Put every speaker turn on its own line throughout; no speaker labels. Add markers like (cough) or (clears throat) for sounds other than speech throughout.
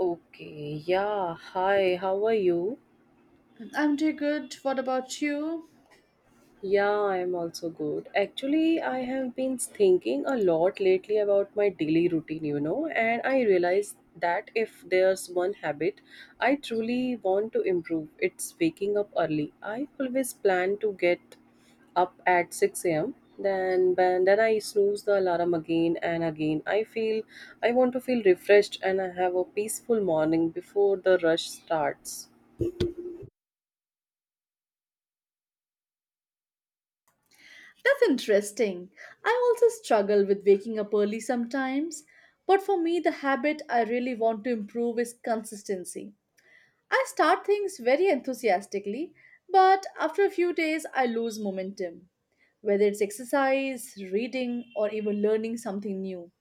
Okay, yeah, hi, how are you?
I'm doing good. What about you?
Yeah, I'm also good. Actually, I have been thinking a lot lately about my daily routine, you know, and I realized that if there's one habit I truly want to improve, it's waking up early. I always plan to get up at 6 a.m. Then I snooze the alarm again and again. I want to feel refreshed and I have a peaceful morning before the rush starts.
That's interesting. I also struggle with waking up early sometimes, but for me, the habit I really want to improve is consistency. I start things very enthusiastically, but after a few days, I lose momentum, whether it's exercise, reading, or even learning something new.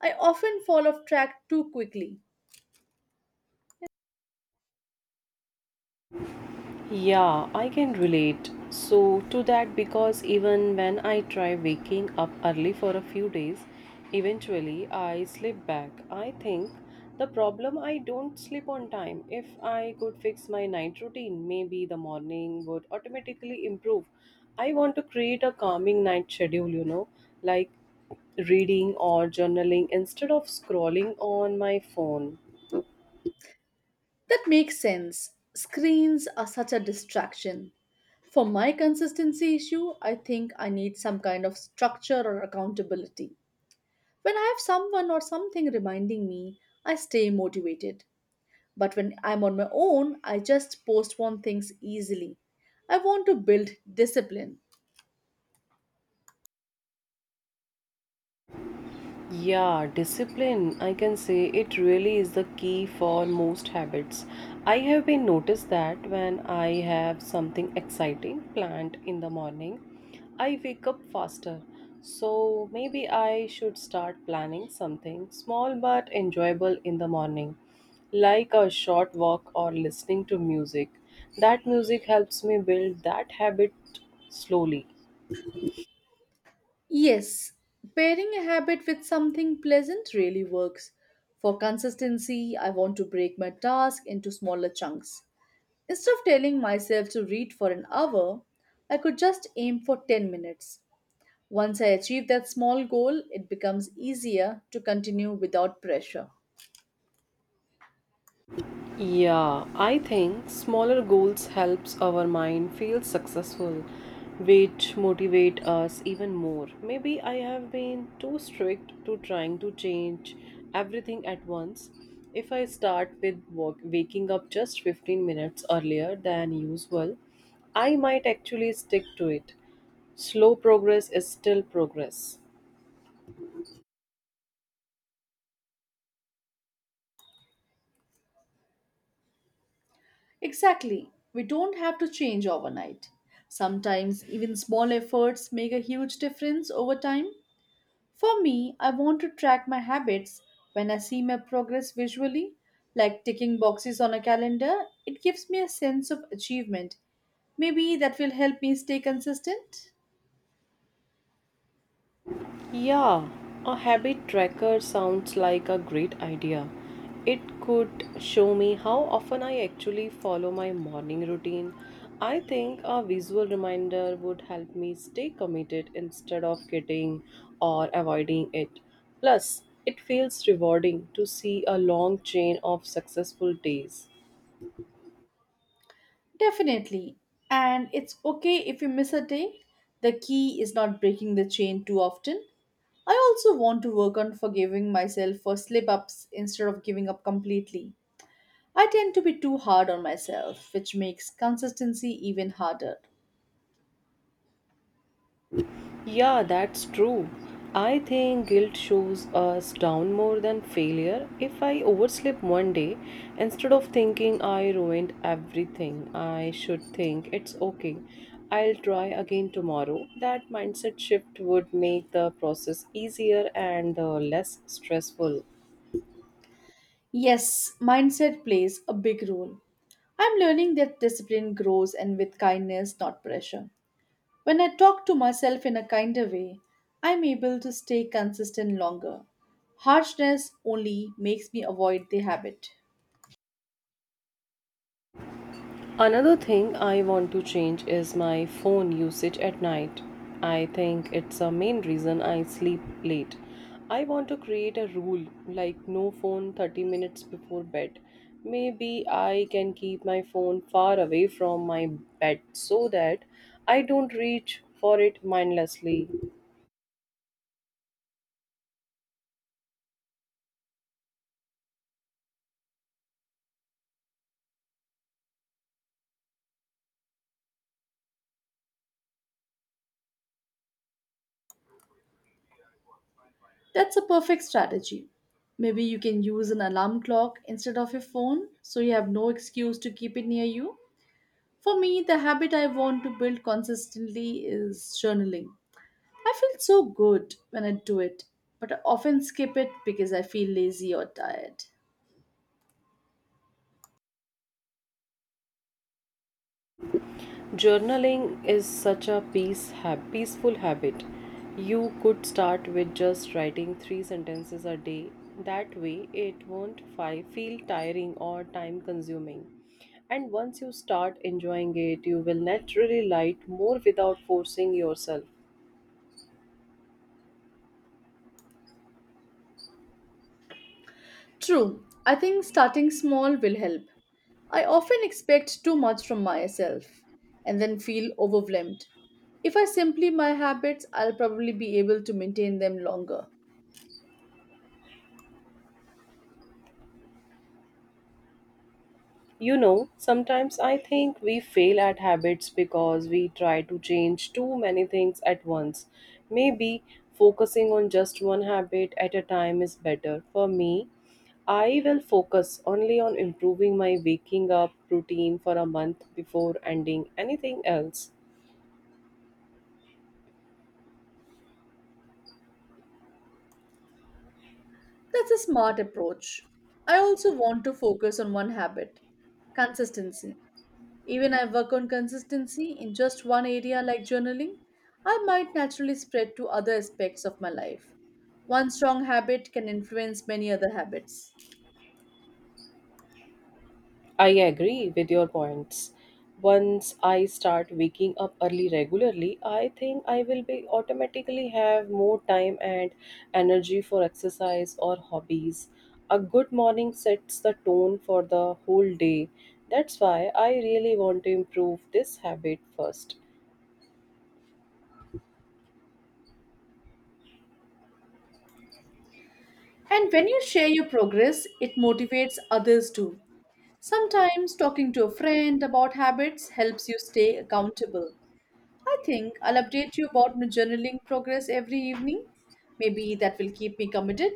I often fall off track too quickly.
Yeah, I can relate. So, to that, because even when I try waking up early for a few days, eventually I slip back. I think the problem I don't sleep on time. If I could fix my night routine, maybe the morning would automatically improve. I want to create a calming night schedule, you know, like reading or journaling instead of scrolling on my phone.
That makes sense. Screens are such a distraction. For my consistency issue, I think I need some kind of structure or accountability. When I have someone or something reminding me, I stay motivated. But when I'm on my own, I just postpone things easily. I want to build discipline.
Yeah, discipline, I can say it really is the key for most habits. I have been noticed that when I have something exciting planned in the morning, I wake up faster. So maybe I should start planning something small but enjoyable in the morning, like a short walk or listening to music. That music helps me build that habit slowly.
Yes, pairing a habit with something pleasant really works. For consistency, I want to break my task into smaller chunks. Instead of telling myself to read for an hour, I could just aim for 10 minutes. Once I achieve that small goal, it becomes easier to continue without pressure.
Yeah, I think smaller goals helps our mind feel successful, which motivate us even more. Maybe I have been too strict to trying to change everything at once. If I start with walk, waking up just 15 minutes earlier than usual, I might actually stick to it. Slow progress is still progress.
Exactly. We don't have to change overnight. Sometimes even small efforts make a huge difference over time. For me, I want to track my habits when I see my progress visually, like ticking boxes on a calendar. It gives me a sense of achievement. Maybe that will help me stay consistent.
Yeah, a habit tracker sounds like a great idea. It could show me how often I actually follow my morning routine. I think a visual reminder would help me stay committed instead of getting or avoiding it. Plus, it feels rewarding to see a long chain of successful days.
Definitely. And it's okay if you miss a day. The key is not breaking the chain too often. I also want to work on forgiving myself for slip ups instead of giving up completely. I tend to be too hard on myself, which makes consistency even harder.
Yeah, that's true. I think guilt shows us down more than failure. If I oversleep one day, instead of thinking I ruined everything, I should think it's okay. I'll try again tomorrow. That mindset shift would make the process easier and less stressful.
Yes, mindset plays a big role. I'm learning that discipline grows and with kindness, not pressure. When I talk to myself in a kinder way, I'm able to stay consistent longer. Harshness only makes me avoid the habit.
Another thing I want to change is my phone usage at night. I think it's a main reason I sleep late. I want to create a rule like no phone 30 minutes before bed. Maybe I can keep my phone far away from my bed so that I don't reach for it mindlessly.
That's a perfect strategy. Maybe you can use an alarm clock instead of your phone so you have no excuse to keep it near you. For me, the habit I want to build consistently is journaling. I feel so good when I do it, but I often skip it because I feel lazy or tired.
Journaling is such a peaceful habit. You could start with just writing three sentences a day. That way, it won't feel tiring or time consuming. And once you start enjoying it, you will naturally write more without forcing yourself.
True, I think starting small will help. I often expect too much from myself and then feel overwhelmed. If I simply my habits, I'll probably be able to maintain them longer.
You know, sometimes I think we fail at habits because we try to change too many things at once. Maybe focusing on just one habit at a time is better. For me, I will focus only on improving my waking up routine for a month before ending anything else.
That's a smart approach. I also want to focus on one habit consistency. Even I work on consistency in just one area like journaling, I might naturally spread to other aspects of my life. One strong habit can influence many other habits.
I agree with your points. Once I start waking up early regularly, I think I will be automatically have more time and energy for exercise or hobbies. A good morning sets the tone for the whole day. That's why I really want to improve this habit first.
And when you share your progress, it motivates others too. Sometimes talking to a friend about habits helps you stay accountable. I think I'll update you about my journaling progress every evening. Maybe that will keep me committed.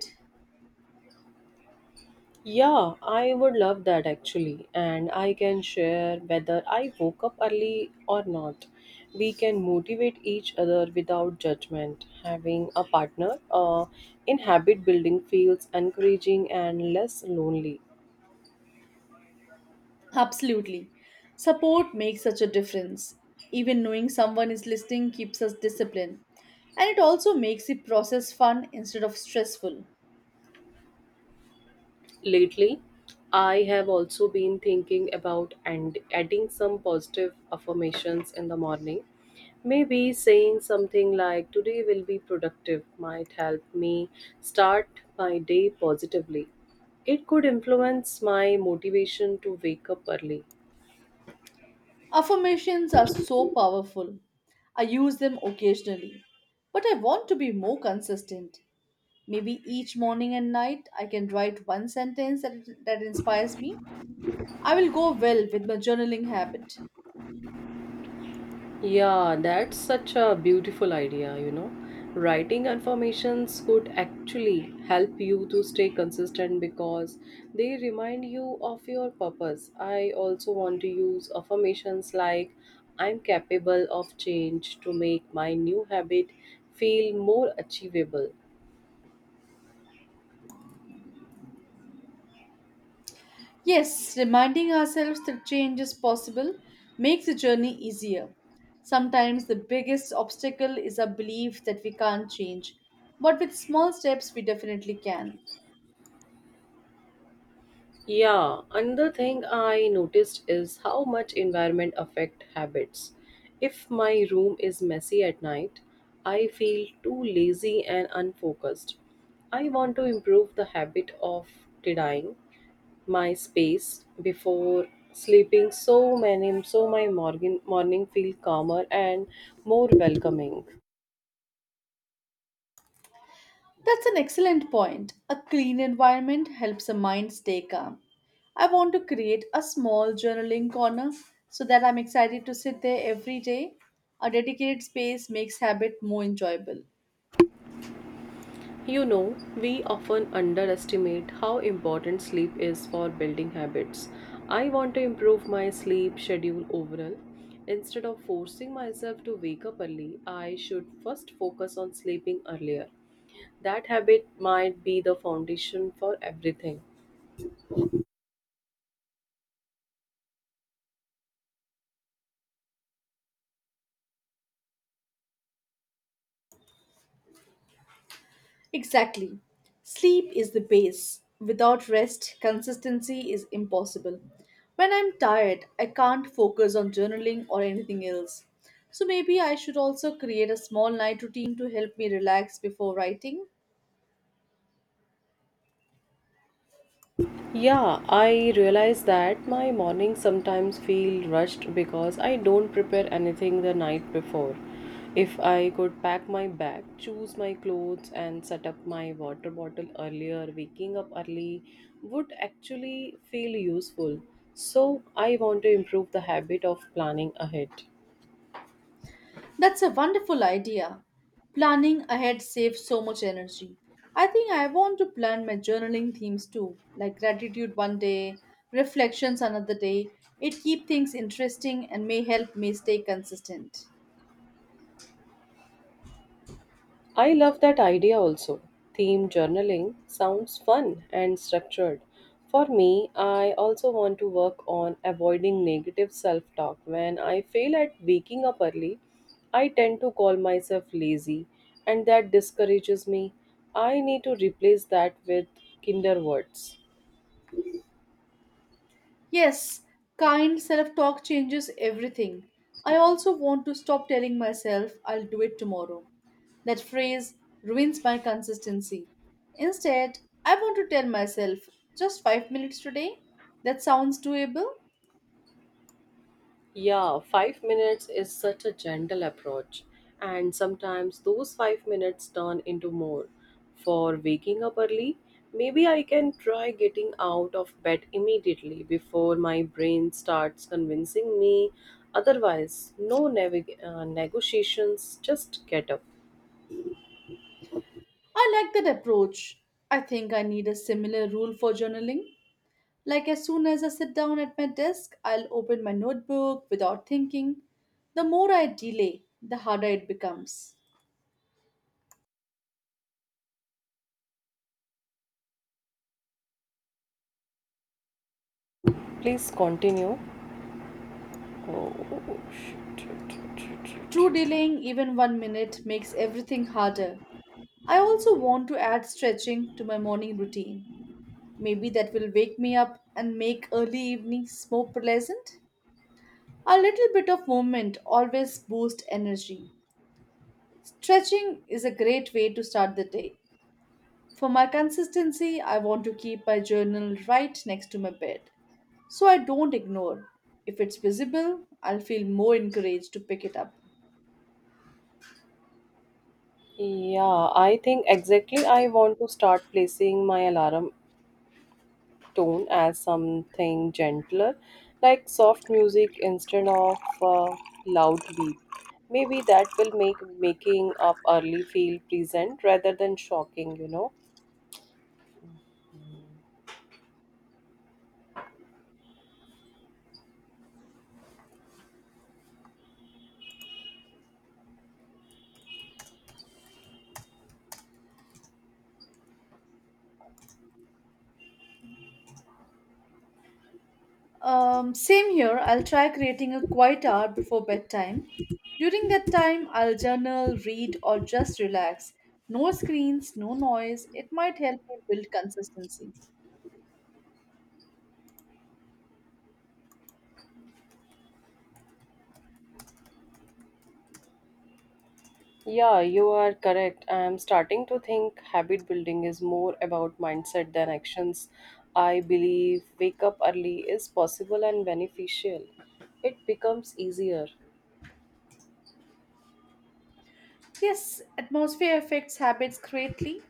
Yeah, I would love that actually. And I can share whether I woke up early or not. We can motivate each other without judgment. Having a partner in habit building feels encouraging and less lonely.
Absolutely. Support makes such a difference. Even knowing someone is listening keeps us disciplined. And it also makes the process fun instead of stressful.
Lately, I have also been thinking about and adding some positive affirmations in the morning. Maybe saying something like today will be productive might help me start my day positively. It could influence my motivation to wake up early.
Affirmations are so powerful. I use them occasionally, but I want to be more consistent. Maybe each morning and night I can write one sentence that inspires me. I will go well with my journaling habit.
Yeah, that's such a beautiful idea, you know. Writing affirmations could actually help you to stay consistent because they remind you of your purpose. I also want to use affirmations like I'm capable of change to make my new habit feel more achievable.
Yes, reminding ourselves that change is possible makes the journey easier. Sometimes the biggest obstacle is our belief that we can't change, but with small steps we definitely can.
Yeah, another thing I noticed is how much environment affect habits. If my room is messy at night, I feel too lazy and unfocused. I want to improve the habit of tidying my space before sleeping so many so my morning feel calmer and more welcoming.
That's an excellent point. A clean environment helps the mind stay calm. I want to create a small journaling corner so that I'm excited to sit there every day. A dedicated space makes habit more enjoyable.
You know, we often underestimate how important sleep is for building habits. I want to improve my sleep schedule overall. Instead of forcing myself to wake up early, I should first focus on sleeping earlier. That habit might be the foundation for everything.
Exactly. Sleep is the base. Without rest, consistency is impossible. When I'm tired, I can't focus on journaling or anything else. So maybe I should also create a small night routine to help me relax before writing.
Yeah, I realize that my mornings sometimes feel rushed because I don't prepare anything the night before. If I could pack my bag, choose my clothes, and set up my water bottle earlier, waking up early would actually feel useful. So, I want to improve the habit of planning ahead.
That's a wonderful idea. Planning ahead saves so much energy. I think I want to plan my journaling themes too, like gratitude one day, reflections another day. It keeps things interesting and may help me stay consistent.
I love that idea also. Theme journaling sounds fun and structured. For me, I also want to work on avoiding negative self talk. When I fail at waking up early, I tend to call myself lazy, and that discourages me. I need to replace that with kinder words.
Yes, kind self talk changes everything. I also want to stop telling myself I'll do it tomorrow. That phrase ruins my consistency. Instead, I want to tell myself just 5 minutes today. That sounds doable.
Yeah, 5 minutes is such a gentle approach, and sometimes those 5 minutes turn into more. For waking up early, maybe I can try getting out of bed immediately before my brain starts convincing me. Otherwise, no negotiations, just get up.
I like that approach. I think I need a similar rule for journaling. Like, as soon as I sit down at my desk, I'll open my notebook without thinking. The more I delay, the harder it becomes.
Please continue. Oh, shit, shit, shit,
True
shit, shit.
delaying even one minute makes everything harder. I also want to add stretching to my morning routine. Maybe that will wake me up and make early evenings more pleasant. A little bit of movement always boosts energy. Stretching is a great way to start the day. For my consistency, I want to keep my journal right next to my bed so I don't ignore. If it's visible, I'll feel more encouraged to pick it up.
Yeah, I think exactly I want to start placing my alarm tone as something gentler, like soft music instead of loud beep. Maybe that will make making up early feel pleasant rather than shocking, you know.
Same here. I'll try creating a quiet hour before bedtime. During that time, I'll journal, read, or just relax. No screens, no noise. It might help me build consistency.
Yeah, you are correct. I am starting to think habit building is more about mindset than actions. I believe wake up early is possible and beneficial. It becomes easier.
Yes, atmosphere affects habits greatly.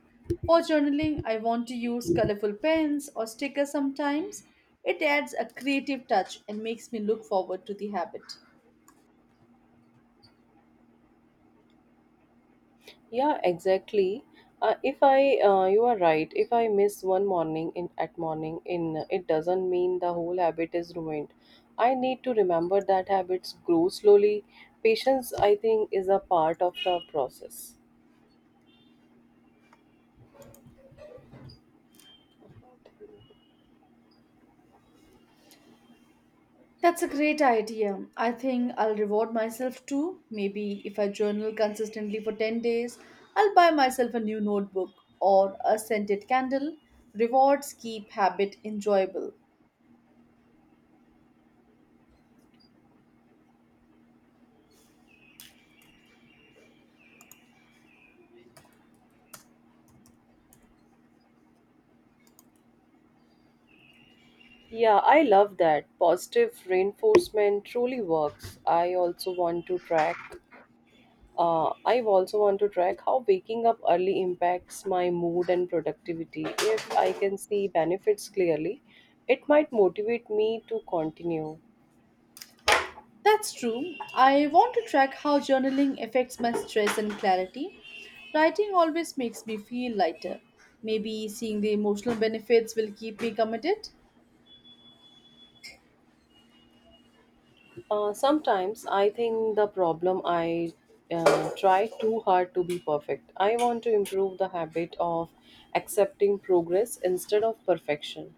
For journaling, I want to use colorful pens or stickers sometimes. It adds a creative touch and makes me look forward to the habit.
Yeah, exactly. If I, You are right. If I miss one morning in at morning in, it doesn't mean the whole habit is ruined. I need to remember that habits grow slowly. Patience, I think, is a part of the process.
That's a great idea. I think I'll reward myself too. Maybe if I journal consistently for 10 days, I'll buy myself a new notebook or a scented candle. Rewards keep habit enjoyable.
Yeah, I love that. Positive reinforcement truly works. I also want to track how waking up early impacts my mood and productivity. If I can see benefits clearly, it might motivate me to continue.
That's true. I want to track how journaling affects my stress and clarity. Writing always makes me feel lighter. Maybe seeing the emotional benefits will keep me committed.
Sometimes I think the problem I try too hard to be perfect. I want to improve the habit of accepting progress instead of perfection.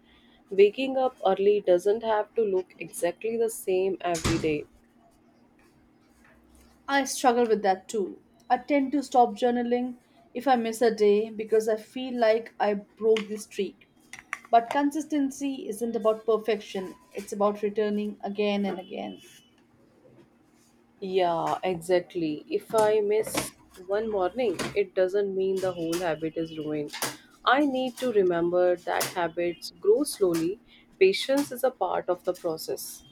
Waking up early doesn't have to look exactly the same every day.
I struggle with that too. I tend to stop journaling if I miss a day because I feel like I broke the streak. But consistency isn't about perfection, it's about returning again and again.
Yeah, exactly. If I miss one morning, it doesn't mean the whole habit is ruined. I need to remember that habits grow slowly. Patience is a part of the process.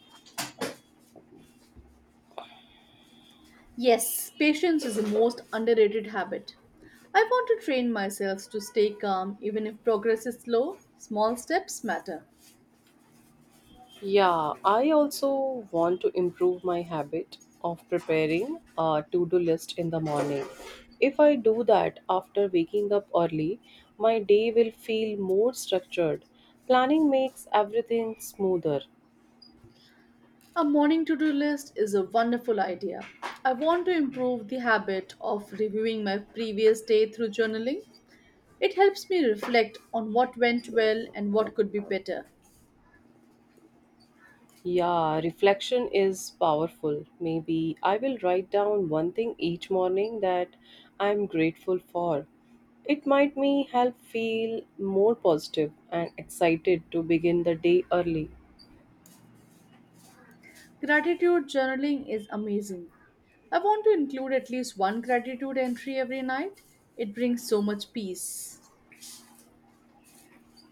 Yes, patience is the most underrated habit. I want to train myself to stay calm even if progress is slow. Small steps matter.
Yeah, I also want to improve my habit of preparing a to do list in the morning. If I do that after waking up early, my day will feel more structured. Planning makes everything smoother.
A morning to do list is a wonderful idea. I want to improve the habit of reviewing my previous day through journaling. It helps me reflect on what went well and what could be better.
Yeah, reflection is powerful. Maybe I will write down one thing each morning that I am grateful for. It might me help feel more positive and excited to begin the day early.
Gratitude journaling is amazing. I want to include at least one gratitude entry every night. It brings so much peace.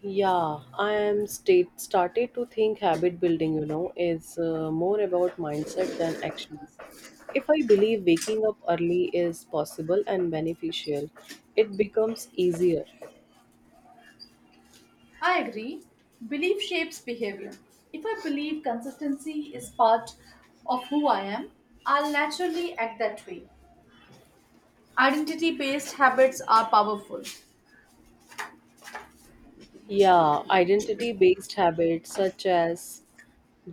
Yeah, I am state started to think habit building, you know, is more about mindset than actions. If I believe waking up early is possible and beneficial, it becomes easier.
I agree. Belief shapes behavior. If I believe consistency is part of who I am, I'll naturally act that way. Identity based habits are powerful.
Yeah, identity based habits such as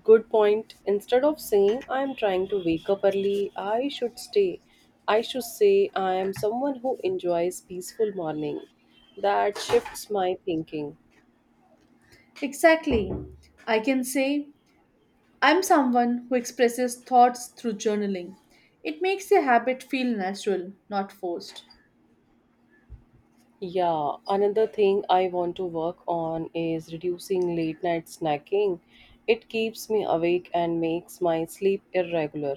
good point. Instead of saying I am trying to wake up early, I should stay. I should say I am someone who enjoys peaceful morning. That shifts my thinking.
Exactly. I can say, I'm someone who expresses thoughts through journaling. It makes the habit feel natural, not forced.
Yeah, another thing I want to work on is reducing late night snacking. It keeps me awake and makes my sleep irregular.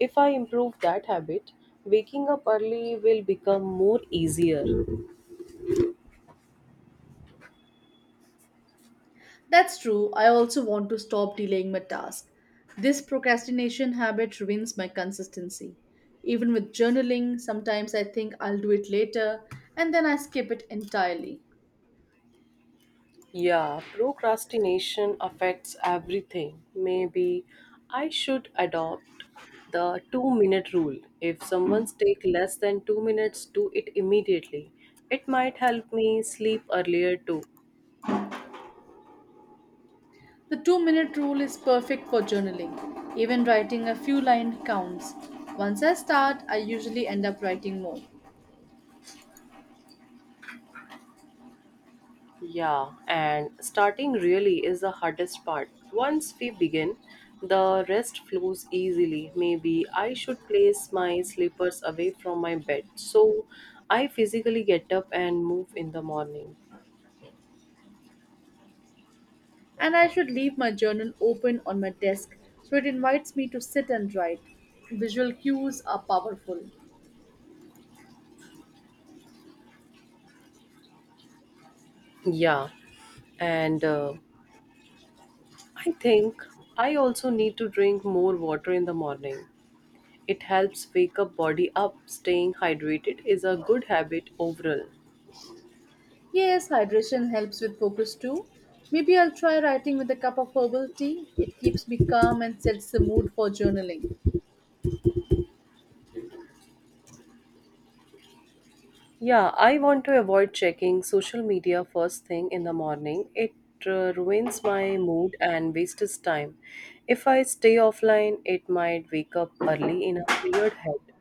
If I improve that habit, waking up early will become more easier.
That's true, I also want to stop delaying my task. This procrastination habit ruins my consistency. Even with journaling, sometimes I think I'll do it later and then I skip it entirely.
Yeah, procrastination affects everything. Maybe I should adopt the 2 minute rule. If someone's take less than 2 minutes, do it immediately. It might help me sleep earlier too.
The two-minute rule is perfect for journaling. Even writing a few line counts. Once I start, I usually end up writing more.
Yeah, and starting really is the hardest part. Once we begin, the rest flows easily. Maybe I should place my slippers away from my bed so I physically get up and move in the morning.
And I should leave my journal open on my desk so it invites me to sit and write. Visual cues are powerful.
Yeah. And I think I also need to drink more water in the morning. It helps wake up body up. Staying hydrated is a good habit overall.
Yes, hydration helps with focus too. Maybe I'll try writing with a cup of herbal tea. It keeps me calm and sets the mood for journaling.
Yeah, I want to avoid checking social media first thing in the morning. It ruins my mood and wastes time. If I stay offline, it might wake up early in a cleared head.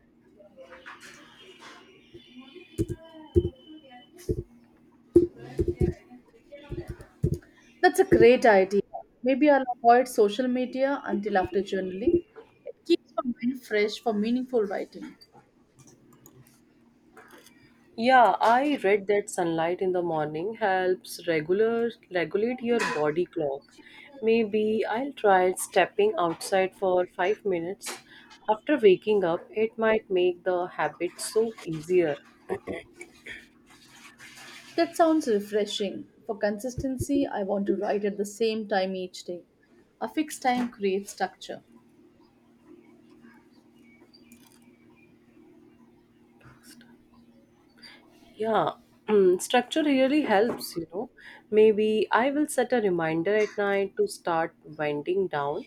That's a great idea. Maybe I'll avoid social media until after journaling. It keeps my mind fresh for meaningful writing.
Yeah, I read that sunlight in the morning helps regular regulate your body clock. Maybe I'll try stepping outside for 5 minutes. After waking up, it might make the habit so easier.
That sounds refreshing. For consistency, I want to write at the same time each day. A fixed time creates structure.
Yeah, (clears throat) structure really helps, you know. Maybe I will set a reminder at night to start winding down.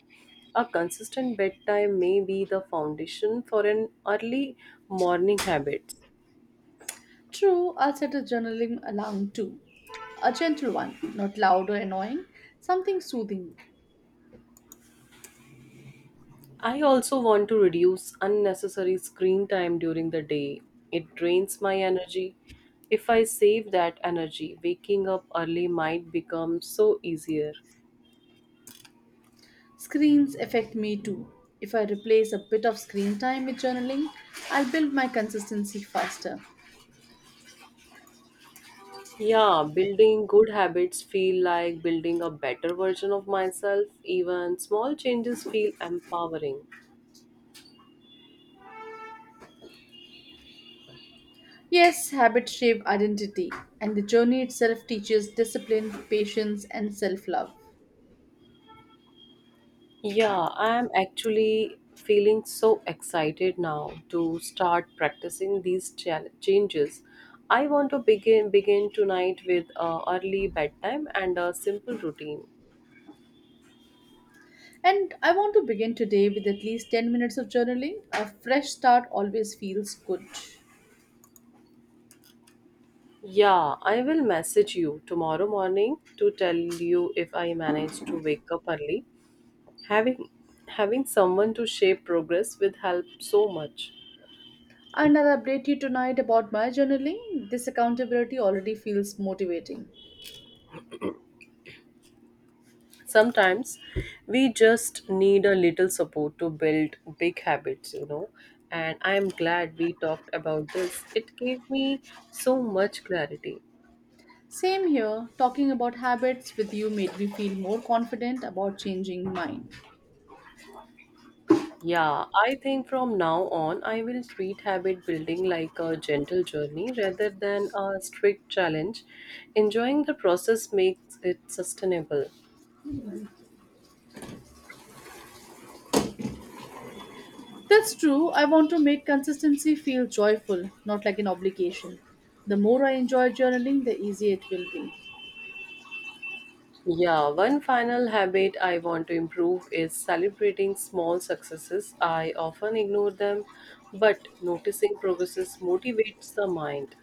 A consistent bedtime may be the foundation for an early morning habit.
True, I'll set a journaling alarm too. A gentle one, not loud or annoying, something soothing.
I also want to reduce unnecessary screen time during the day. It drains my energy. If I save that energy, waking up early might become so easier.
Screens affect me too. If I replace a bit of screen time with journaling, I'll build my consistency faster.
Yeah, building good habits feel like building a better version of myself. Even small changes feel empowering.
Yes, habits shape identity, and the journey itself teaches discipline, patience, and self love.
Yeah, I'm actually feeling so excited now to start practicing these changes. I want to begin tonight with a early bedtime and a simple routine.
And I want to begin today with at least 10 minutes of journaling. A fresh start always feels good.
Yeah, I will message you tomorrow morning to tell you if I managed to wake up early. Having having someone to share progress will help so much.
And I'll update you tonight about my journaling. This accountability already feels motivating.
Sometimes we just need a little support to build big habits. And I am glad we talked about this. It gave me so much clarity.
Same here, talking about habits with you made me feel more confident about changing mine.
Yeah, I think from now on I will treat habit building like a gentle journey rather than a strict challenge. Enjoying the process makes it sustainable.
That's true, I want to make consistency feel joyful, not like an obligation. The more I enjoy journaling, the easier it will be.
Yeah, one final habit I want to improve is celebrating small successes. I often ignore them, but noticing progresses motivates the mind.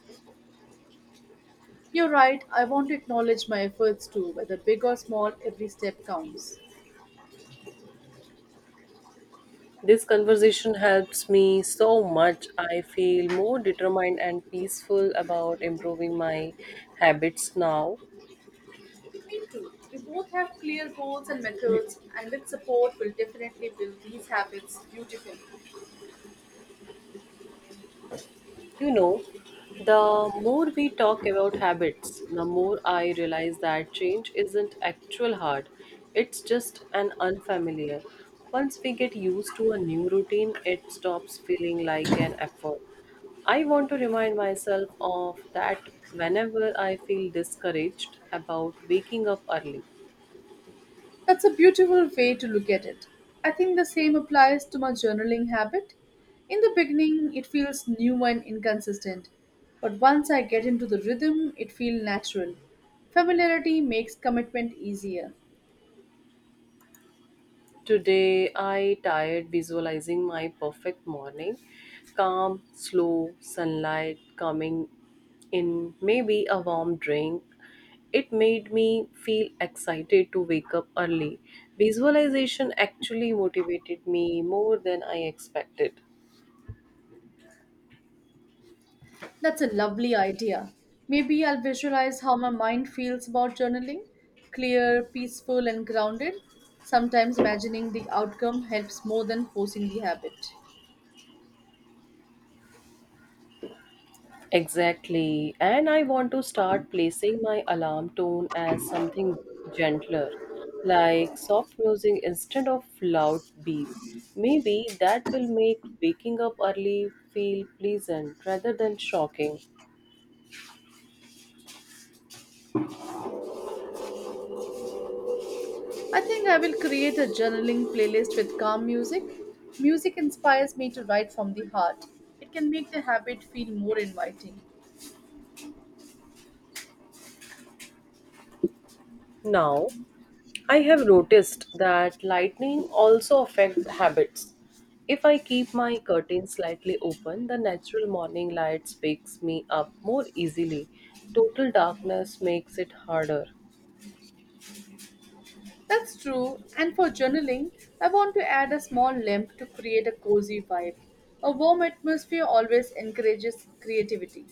You're right, I want to acknowledge my efforts too, whether big or small, every step counts.
This conversation helps me so much. I feel more determined and peaceful about improving my habits now.
Me too. We both have clear goals and methods, and with support, we'll definitely build these habits beautifully.
You know, the more we talk about habits, the more I realize that change isn't actual hard. It's just an unfamiliar. Once we get used to a new routine, it stops feeling like an effort. I want to remind myself of that whenever I feel discouraged about waking up early.
That's a beautiful way to look at it. I think the same applies to my journaling habit. In the beginning, it feels new and inconsistent, but once I get into the rhythm, it feels natural. Familiarity makes commitment easier.
Today I tired visualizing my perfect morning. Calm, slow, sunlight coming in, maybe a warm drink. It made me feel excited to wake up early. Visualization actually motivated me more than I expected.
That's a lovely idea. Maybe I'll visualize how my mind feels about journaling clear, peaceful, and grounded. Sometimes imagining the outcome helps more than forcing the habit.
Exactly. And I want to start placing my alarm tone as something gentler, like soft music instead of loud beep. Maybe that will make waking up early feel pleasant rather than shocking.
I think I will create a journaling playlist with calm music. Music inspires me to write from the heart. It can make the habit feel more inviting.
Now, I have noticed that lightning also affect habits. If I keep my curtains slightly open, the natural morning lights wakes me up more easily. Total darkness makes it harder.
That's true, and for journaling, I want to add a small lamp to create a cozy vibe. A warm atmosphere always encourages creativity.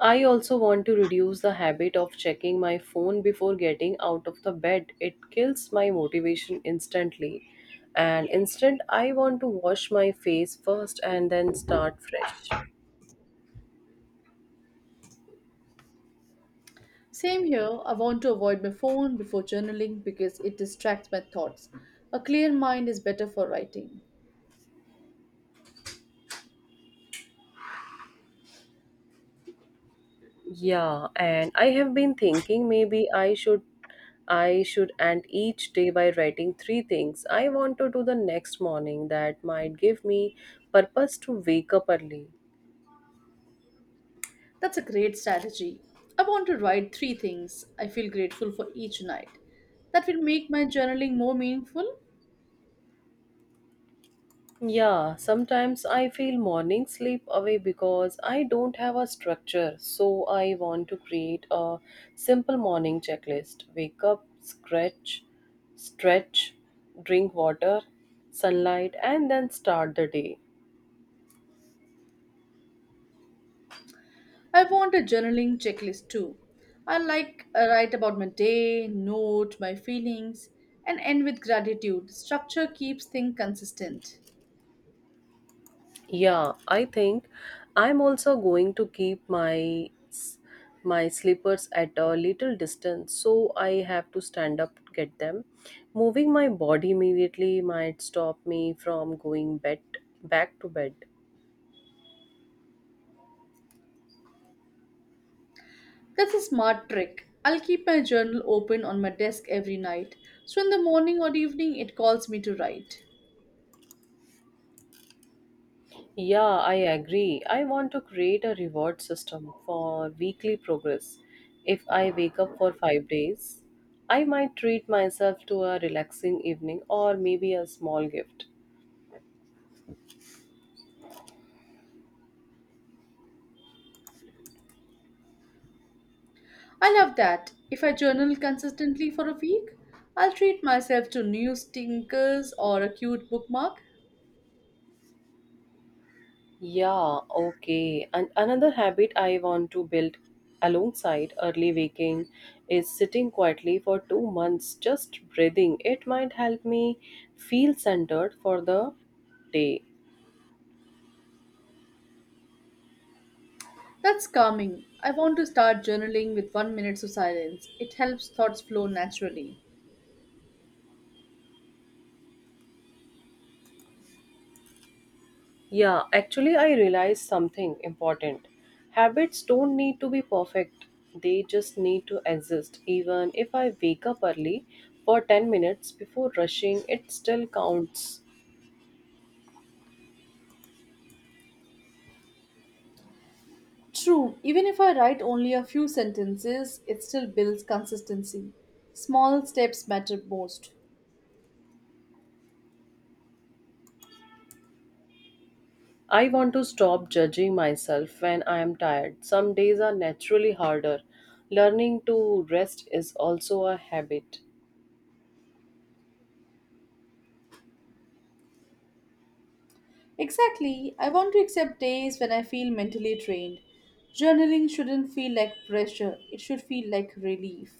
I also want to reduce the habit of checking my phone before getting out of the bed. It kills my motivation instantly. And instead, I want to wash my face first and then start fresh.
Same here, I want to avoid my phone before journaling because it distracts my thoughts. A clear mind is better for writing.
Yeah, and I have been thinking maybe I should end each day by writing three things I want to do the next morning that might give me purpose to wake up early.
That's a great strategy. I want to write three things I feel grateful for each night. That will make my journaling more meaningful.
Yeah, sometimes I feel morning sleep away because I don't have a structure. So I want to create a simple morning checklist. Wake up, scratch, stretch, drink water, sunlight, and then start the day.
I want a journaling checklist too. I like write about my day, note my feelings, and end with gratitude. Structure keeps things consistent.
Yeah, I think I'm also going to keep my my slippers at a little distance so I have to stand up to get them. Moving my body immediately might stop me from going bed back to bed.
That's a smart trick. I'll keep my journal open on my desk every night, so in the morning or evening it calls me to write.
Yeah, I agree. I want to create a reward system for weekly progress. If I wake up for 5 days, I might treat myself to a relaxing evening or maybe a small gift.
I love that. If I journal consistently for a week, I'll treat myself to new stinkers or a cute bookmark.
Yeah, okay. And another habit I want to build alongside early waking is sitting quietly for 2 months, just breathing. It might help me feel centered for the day.
That's calming. I want to start journaling with one minute of silence. It helps thoughts flow naturally.
Yeah, actually, I realized something important. Habits don't need to be perfect, they just need to exist. Even if I wake up early for 10 minutes before rushing, it still counts.
True, even if I write only a few sentences, it still builds consistency. Small steps matter most.
I want to stop judging myself when I am tired. Some days are naturally harder. Learning to rest is also a habit.
Exactly. I want to accept days when I feel mentally drained. Journaling shouldn't feel like pressure, it should feel like relief.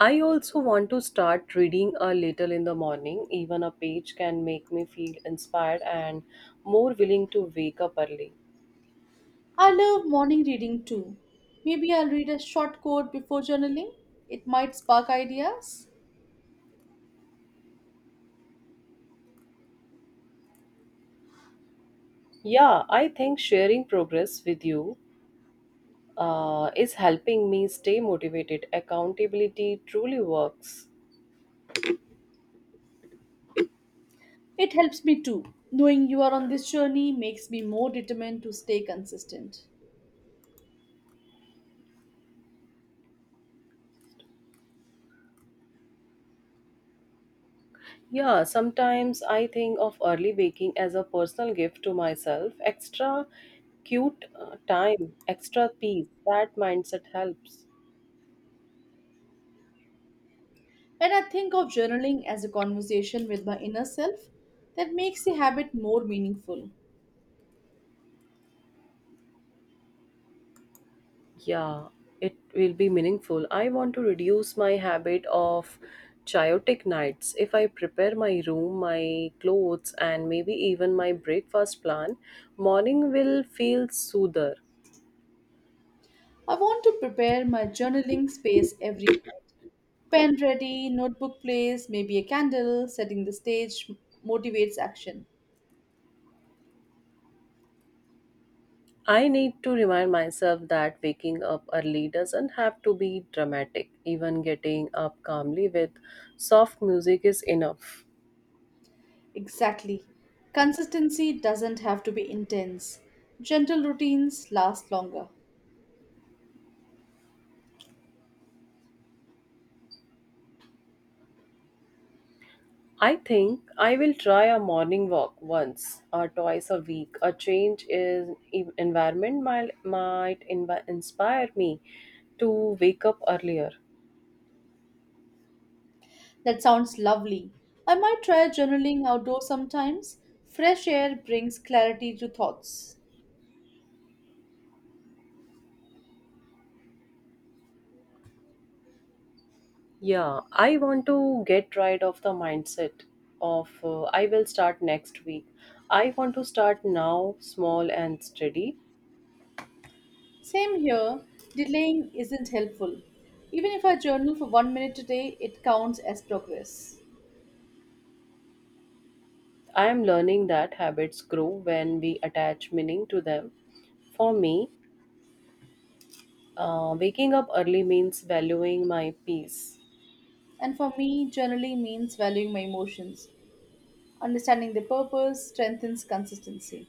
I also want to start reading a little in the morning. Even a page can make me feel inspired and more willing to wake up early.
I love morning reading too. Maybe I'll read a short quote before journaling. It might spark ideas.
Yeah, I think sharing progress with you is helping me stay motivated. Accountability truly works.
It helps me too. Knowing you are on this journey makes me more determined to stay consistent.
Yeah, sometimes I think of early baking as a personal gift to myself. Extra cute time, extra peace. That mindset helps.
And I think of journaling as a conversation with my inner self that makes the habit more meaningful.
Yeah, it will be meaningful. I want to reduce my habit of chaotic nights. If I prepare my room, my clothes, and maybe even my breakfast plan, morning will feel soother.
I want to prepare my journaling space every night. Pen ready, notebook place, maybe a candle, setting the stage motivates action.
I need to remind myself that waking up early doesn't have to be dramatic. Even getting up calmly with soft music is enough.
Exactly. Consistency doesn't have to be intense. Gentle routines last longer.
I think I will try a morning walk once or twice a week. A change in environment might inspire me to wake up earlier.
That sounds lovely. I might try journaling outdoors sometimes. Fresh air brings clarity to thoughts.
Yeah, I want to get rid of the mindset of I will start next week. I want to start now, small and steady.
Same here, delaying isn't helpful. Even if I journal for one minute a day, it counts as progress.
I am learning that habits grow when we attach meaning to them. For me, waking up early means valuing my peace.
And for me, journaling means valuing my emotions. Understanding the purpose strengthens consistency.